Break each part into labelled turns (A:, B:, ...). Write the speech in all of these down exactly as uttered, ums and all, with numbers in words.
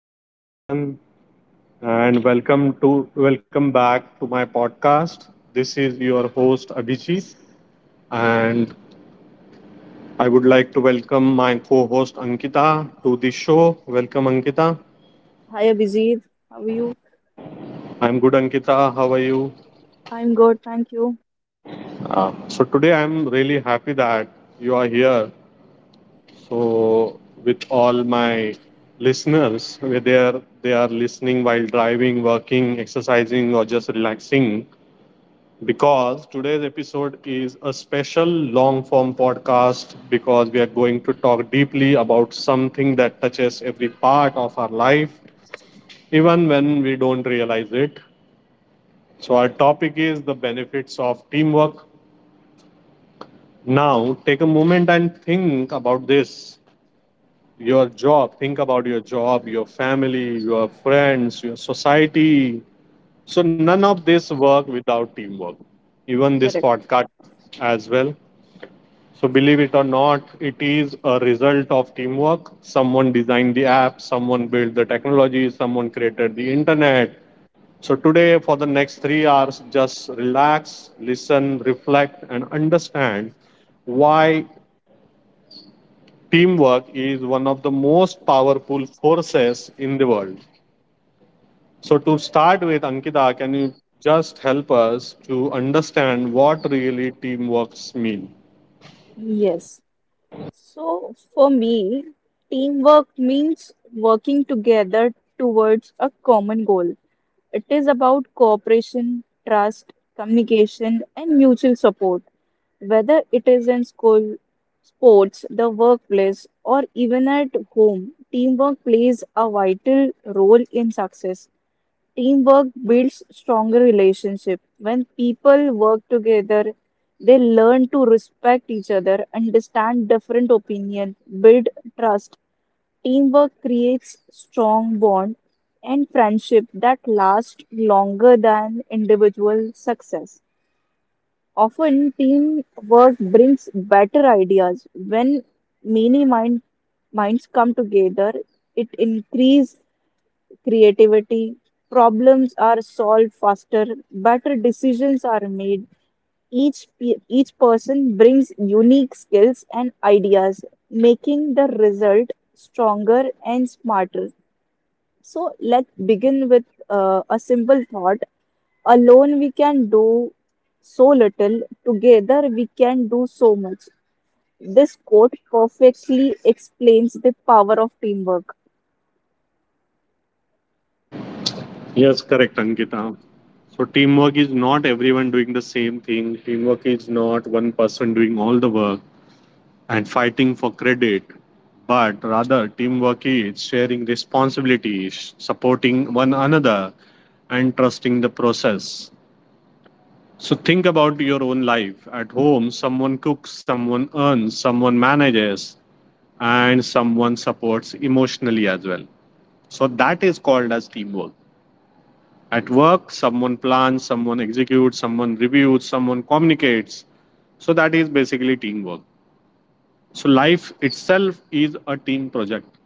A: So hello everyone and welcome to welcome back to my podcast. This is your host Abhijit and I would like to welcome my co-host Ankita to the show. Welcome Ankita.
B: Hi Abhijit, how are you?
A: I'm good Ankita. How are you?
B: I'm good, thank you.
A: So today I'm really happy that you are here. So with all my listeners, whether they are listening while driving, working, exercising or just relaxing, because today's episode is a special long form podcast because we are going to talk deeply about something that touches every part of our life, even when we don't realize it. So our topic is the benefits of teamwork. Now, take a moment and think about this your job, think about your job, your family, your friends, your society. So none of this work without teamwork, even this
B: Correct.
A: podcast as well. So believe it or not, it is a result of teamwork. Someone designed the app, someone built the technology, someone created the internet. So today, for the next three hours, just relax, listen, reflect, and understand why teamwork is one of the most powerful forces in the world. So to start with, Ankita, can you just help us to understand what really teamworks mean?
B: Yes. So for me, teamwork means working together towards a common goal. It is about cooperation, trust, communication, and mutual support. Whether it is in school, sports, the workplace, or even at home, teamwork plays a vital role in success. Teamwork builds stronger relationships. When people work together, they learn to respect each other, understand different opinions, build trust. Teamwork creates strong bond and friendship that last longer than individual success. Often, teamwork brings better ideas. When many mind, minds come together, it increases creativity, problems are solved faster, better decisions are made. Each, pe- each person brings unique skills and ideas, making the result stronger and smarter. So, let's begin with uh, a simple thought: alone we can do so little, together we can do so much. This quote perfectly explains the power of teamwork.
A: Yes, correct, Ankita. So teamwork is not everyone doing the same thing. Teamwork is not one person doing all the work and fighting for credit, but rather teamwork is sharing responsibilities, supporting one another, and trusting the process. So think about your own life. At home, someone cooks, someone earns, someone manages, and someone supports emotionally as well. So that is called as teamwork. At work, someone plans, someone executes, someone reviews, someone communicates. So that is basically teamwork. So life itself is a team project.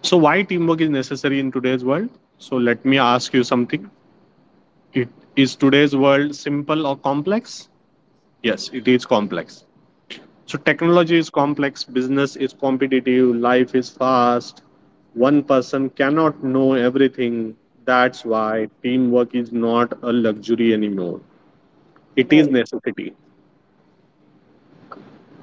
A: So why teamwork is necessary in today's world? So let me ask you something. It is today's world simple or complex? Yes, it is complex. So technology is complex, business is competitive, life is fast. One person cannot know everything. That's why teamwork is not a luxury anymore. It
B: Right.
A: is necessity.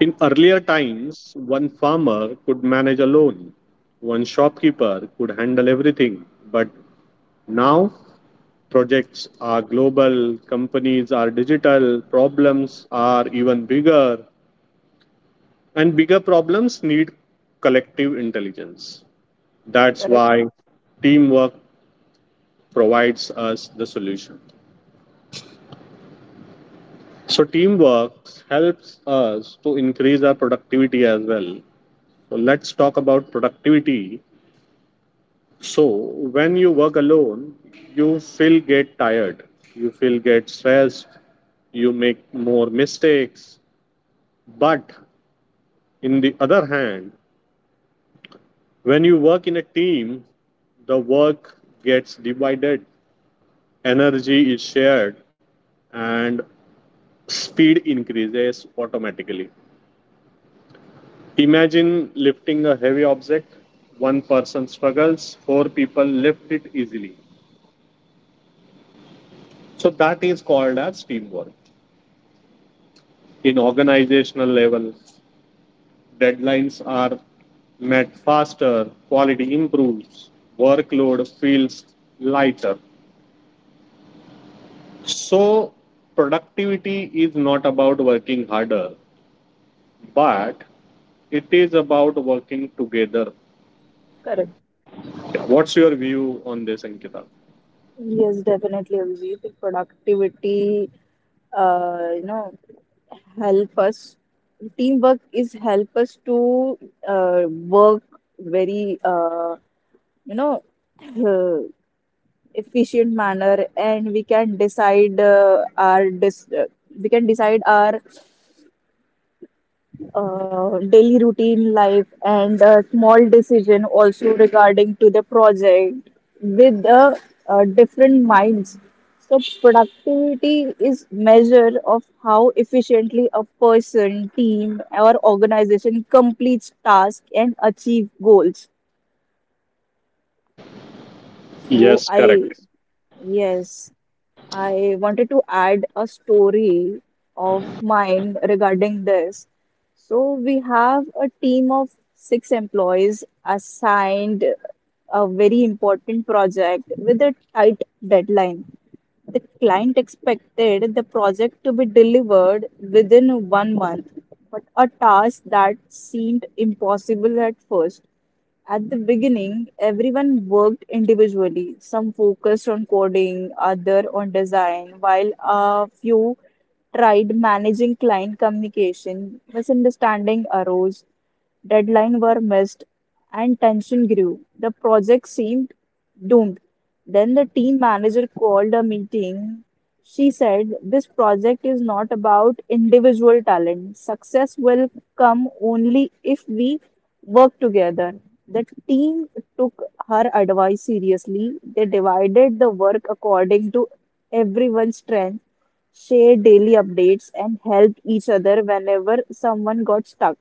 A: In earlier times, one farmer could manage alone, one shopkeeper could handle everything. But now, projects are global, companies are digital, problems are even bigger, and bigger problems need collective intelligence. That's
B: Correct,
A: why teamwork provides us the solution. So teamwork helps us to increase our productivity as well. So let's talk about productivity. So when you work alone, you feel get tired, you feel get stressed, you make more mistakes. But in the other hand, when you work in a team, the work gets divided, energy is shared, and speed increases automatically. Imagine lifting a heavy object. One person struggles, four people lift it easily. So that is called as teamwork. In organizational level, deadlines are met faster, quality improves, workload feels lighter. So productivity is not about working harder, but it is about working together.
B: correct.
A: What's your view on this, Ankita?
B: Yes, definitely, Abhijit. Productivity, uh, you know, help us. Teamwork is help us to uh, work very, uh, you know, uh, efficient manner, and we can decide uh, our dis- uh, we can decide our uh, daily routine life and a small decision also regarding to the project with uh, uh, different minds. So productivity is measure of how efficiently a person team or organization completes tasks and achieve goals. so
A: Yes,
B: I,
A: correct.
B: yes, I wanted to add a story of mine regarding this. So we have a team of six employees assigned a very important project with a tight deadline. The client expected the project to be delivered within one month, but a task that seemed impossible at first. At the beginning, everyone worked individually. Some focused on coding, other on design, while a few tried managing client communication. Misunderstanding arose, deadlines were missed, and tension grew. The project seemed doomed. Then the team manager called a meeting. She said, "This project is not about individual talent. Success will come only if we work together." The team took her advice seriously. They divided the work according to everyone's strength, shared daily updates, and helped each other whenever someone got stuck.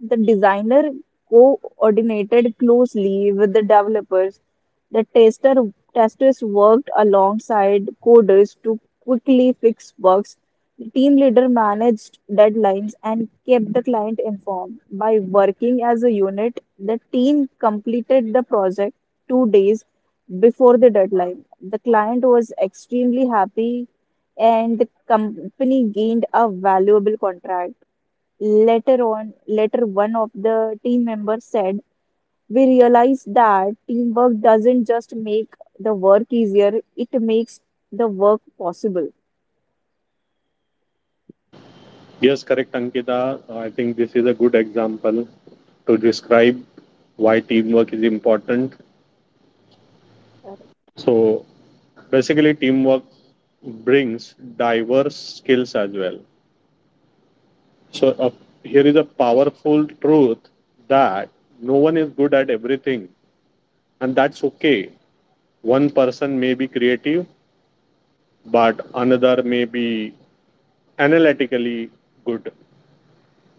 B: The designer coordinated closely with the developers. The tester testers worked alongside coders to quickly fix bugs. The team leader managed deadlines and kept the client informed. By working as a unit, the team completed the project two days before the deadline. The client was extremely happy and the company gained a valuable contract. Later on, later one of the team members said, "We realized that teamwork doesn't just make the work easier; it makes the work possible."
A: Yes, correct, Ankita. Uh, I think this is a good example to describe why teamwork is important.
B: Correct.
A: So basically, teamwork brings diverse skills as well. So, uh, here is a powerful truth that no one is good at everything, and that's okay. One person may be creative, but another may be analytically good.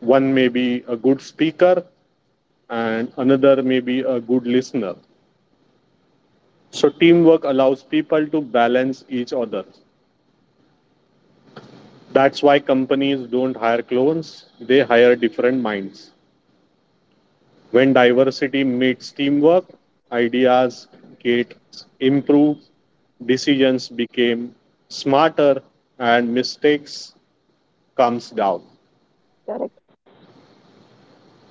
A: One may be a good speaker, and another may be a good listener. So teamwork allows people to balance each other. That's why companies don't hire clones, they hire different minds. When diversity meets teamwork, ideas get improved, decisions become smarter, and mistakes comes down.
B: Correct.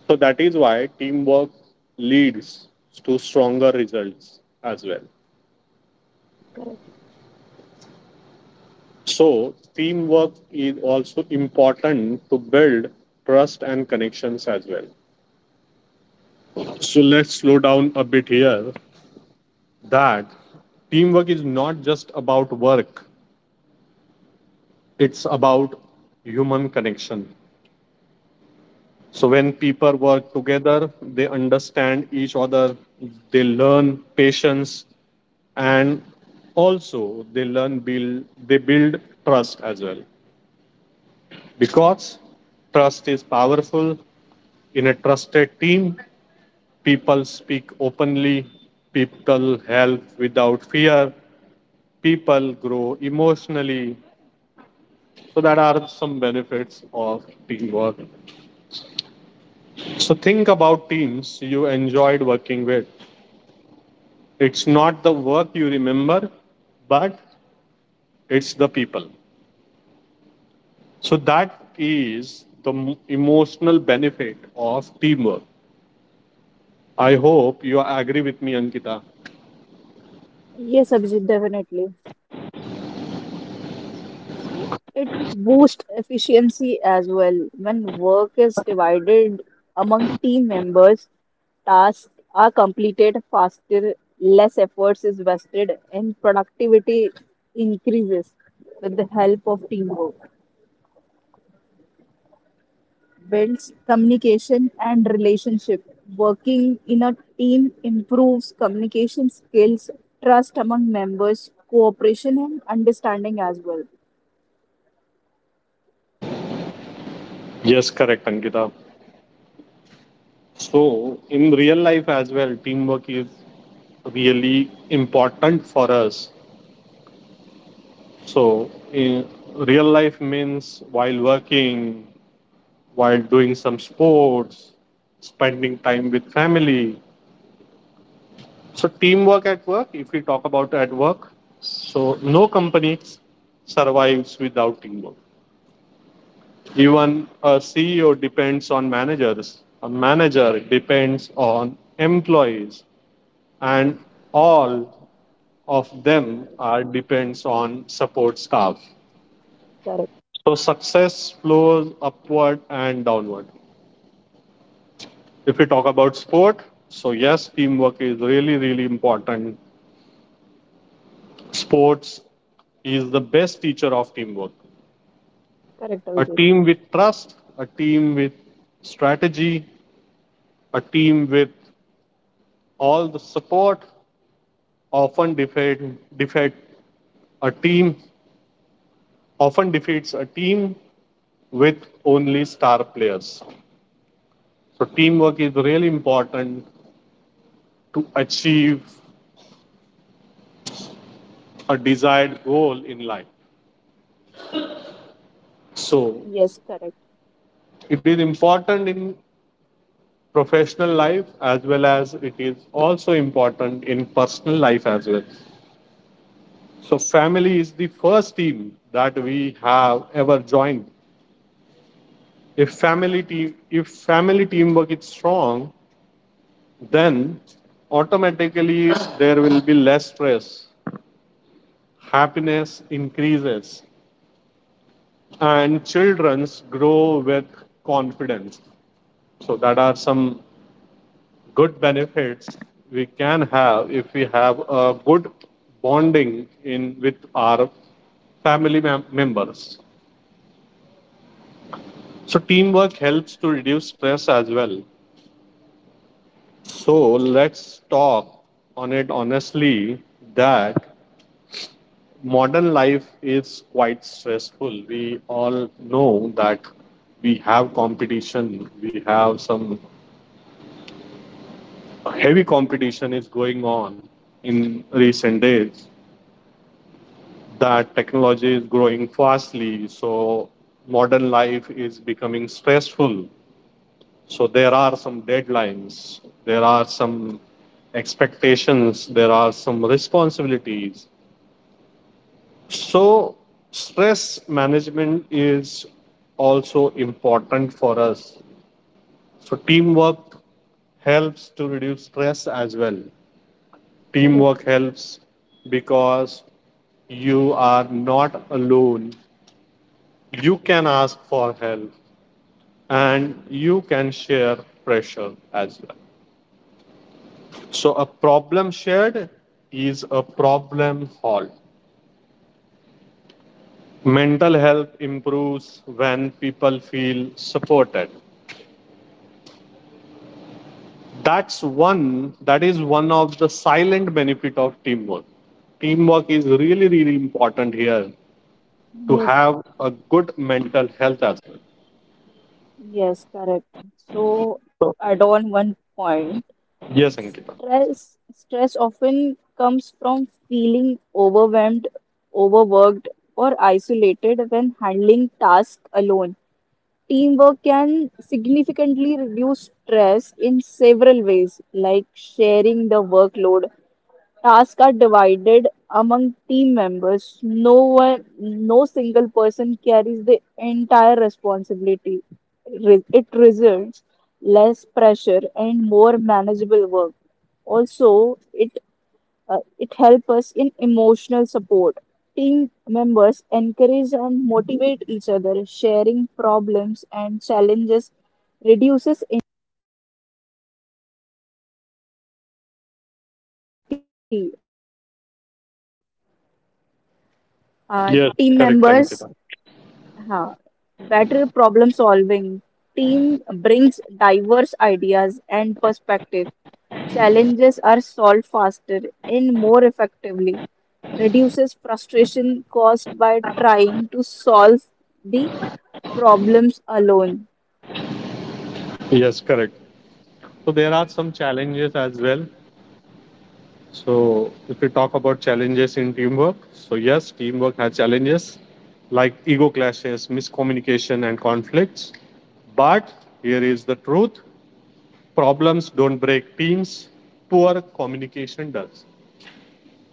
A: So that is why teamwork leads to stronger results as well. So teamwork is also important to build trust and connections as well. So let's slow down a bit here that teamwork is not just about work, it's about human connection. So when people work together, they understand each other, they learn patience, and also they learn build they build trust as well. Because trust is powerful. In a trusted team, people speak openly, people help without fear, people grow emotionally. So that are some benefits of teamwork. So think about teams you enjoyed working with. It's not the work you remember, but it's the people. So that is the emotional benefit of teamwork. I hope you agree with me, Ankita.
B: Yes, Abhijit, definitely. So it boosts efficiency as well. When work is divided among team members, tasks are completed faster, less efforts is wasted, and productivity increases with the help of teamwork. Builds communication and relationship. Working in a team improves communication skills, trust among members, cooperation and understanding as well.
A: Yes, correct, Ankita. So in real life as well, teamwork is really important for us. So in real life means while working, while doing some sports, spending time with family. So teamwork at work, if we talk about at work, so no company survives without teamwork. Even a C E O depends on managers, a manager depends on employees and all of them are depends on support staff.
B: Correct.
A: So success flows upward and downward. If we talk about sport, so yes, teamwork is really, really important. Sports is the best teacher of teamwork.
B: Correct,
A: A
B: Abhijit.
A: team with trust, a team with strategy, a team with all the support often defeat, defeat a team often defeats a team with only star players. So teamwork is really important to achieve a desired goal in life. So
B: Yes, correct.
A: it is important in professional life as well as it is also important in personal life as well. So family is the first team that we have ever joined. If family team if family teamwork is strong, then automatically there will be less stress, happiness increases and children's grow with confidence. So that are some good benefits we can have if we have a good bonding in with our family mem- members. So teamwork helps to reduce stress as well. So let's talk on it honestly that modern life is quite stressful. We all know that we have competition, we have some heavy competition is going on in recent days. That technology is growing fastly, so modern life is becoming stressful. So there are some deadlines, there are some expectations, there are some responsibilities. So stress management is also important for us. So teamwork helps to reduce stress as well. Teamwork
B: Correct.
A: helps because you are not alone. You can ask for help and you can share pressure as well. So a problem shared is a problem solved. Mental health improves when people feel supported. that's one that is one of the silent benefit of teamwork. Teamwork is really, really important here to
B: Yes.
A: have a good mental health as well.
B: Yes, correct. So
A: So
B: to add on one point,
A: yes Ankita,
B: stress stress often comes from feeling overwhelmed, overworked, or isolated when handling tasks alone. Teamwork can significantly reduce stress in several ways, like sharing the workload. Tasks are divided among team members. No one, no single person carries the entire responsibility. Re- It results less pressure and more manageable work. Also, it uh, it helps us in emotional support. Team members encourage and motivate each other, sharing problems and challenges reduces anxiety. Uh,
A: yes
B: team
A: correct
B: members.
A: Ankita,
B: uh, Better problem solving. Team brings diverse ideas and perspective. Challenges are solved faster and more effectively, reduces frustration caused by trying to solve the problems alone.
A: yes correct. So there are some challenges as well. So if we talk about challenges in teamwork, so yes, teamwork has challenges like ego clashes, miscommunication and conflicts. But here is the truth. Problems don't break teams, poor communication does.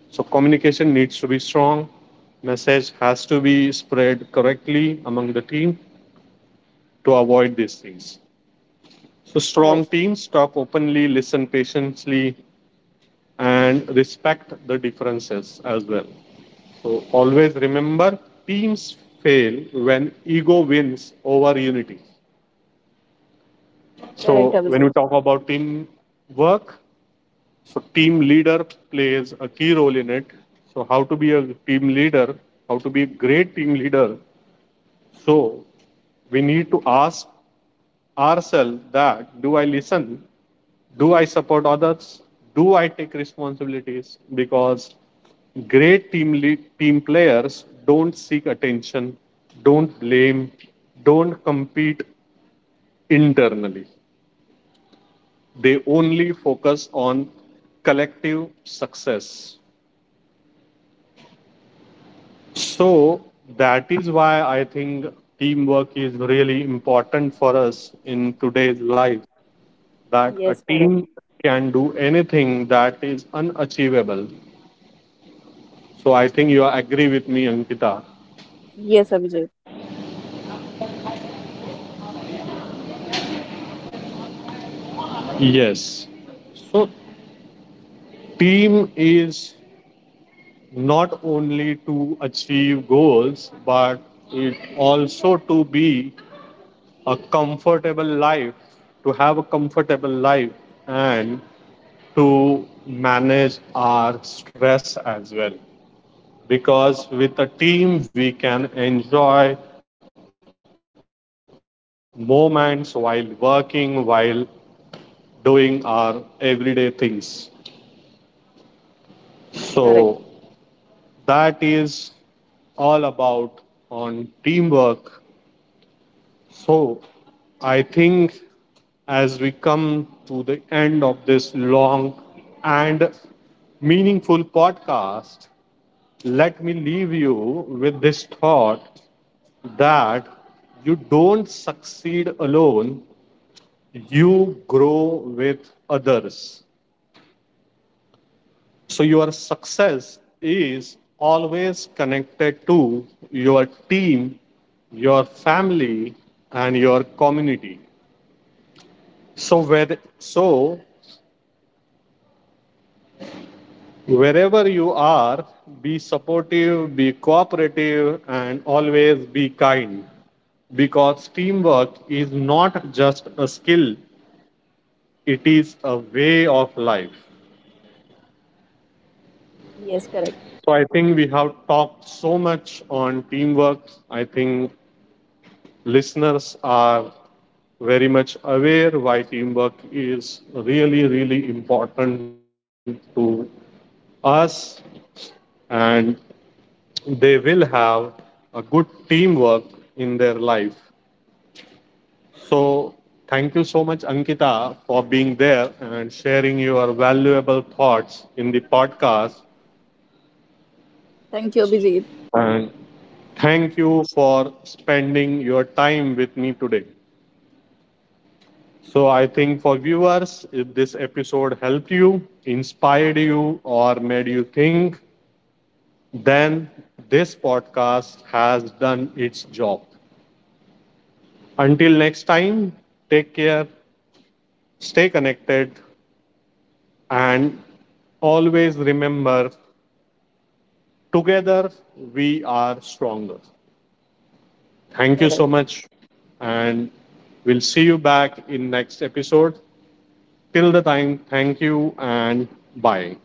A: So communication needs to be strong. Message has to be spread correctly among the team to avoid these things. So
B: Correct.
A: strong teams talk openly, listen patiently, and respect the differences as well. So always remember, teams fail when ego wins over unity.
B: Correct,
A: So when
B: Abhijit.
A: we talk about team work, so team leader plays a key role in it. So how to be a team leader, how to be a great team leader. So we need to ask ourselves, that do I listen? Do I support others? Do I take responsibilities? Because great team lead, team players don't seek attention, don't blame, don't compete internally. They only focus on collective success. So that is why I think teamwork is really important for us in today's life. That a
B: Yes, correct.
A: team can do anything that is unachievable. So I think you agree with me, Ankita.
B: Yes, Abhijit.
A: Yes. So team is not only to achieve goals, but it also to be a comfortable life, to have a comfortable life and to manage our stress as well. Because with a team, we can enjoy moments while working, while doing our everyday things. So
B: Correct.
A: that is all about on teamwork. So I think as we come to the end of this long and meaningful podcast, let me leave you with this thought that you don't succeed alone, you grow with others. So your success is always connected to your team, your family, and your community. So, whether, so Wherever you are, be supportive, be cooperative, and always be kind. Because teamwork is not just a skill, it is a way of life.
B: Yes, correct.
A: So I think we have talked so much on teamwork. I think listeners are very much aware why teamwork is really, really important to us. And they will have a good teamwork in their life. So thank you so much, Ankita, for being there and sharing your valuable thoughts in the podcast.
B: Thank you, Abhijit.
A: And thank you for spending your time with me today. So I think for viewers, if this episode helped you, inspired you, or made you think, then this podcast has done its job. Until next time, take care, stay connected, and always remember, together we are stronger. Thank you
B: Correct.
A: so much, and we'll see you back in next episode. Till the time, thank you and bye.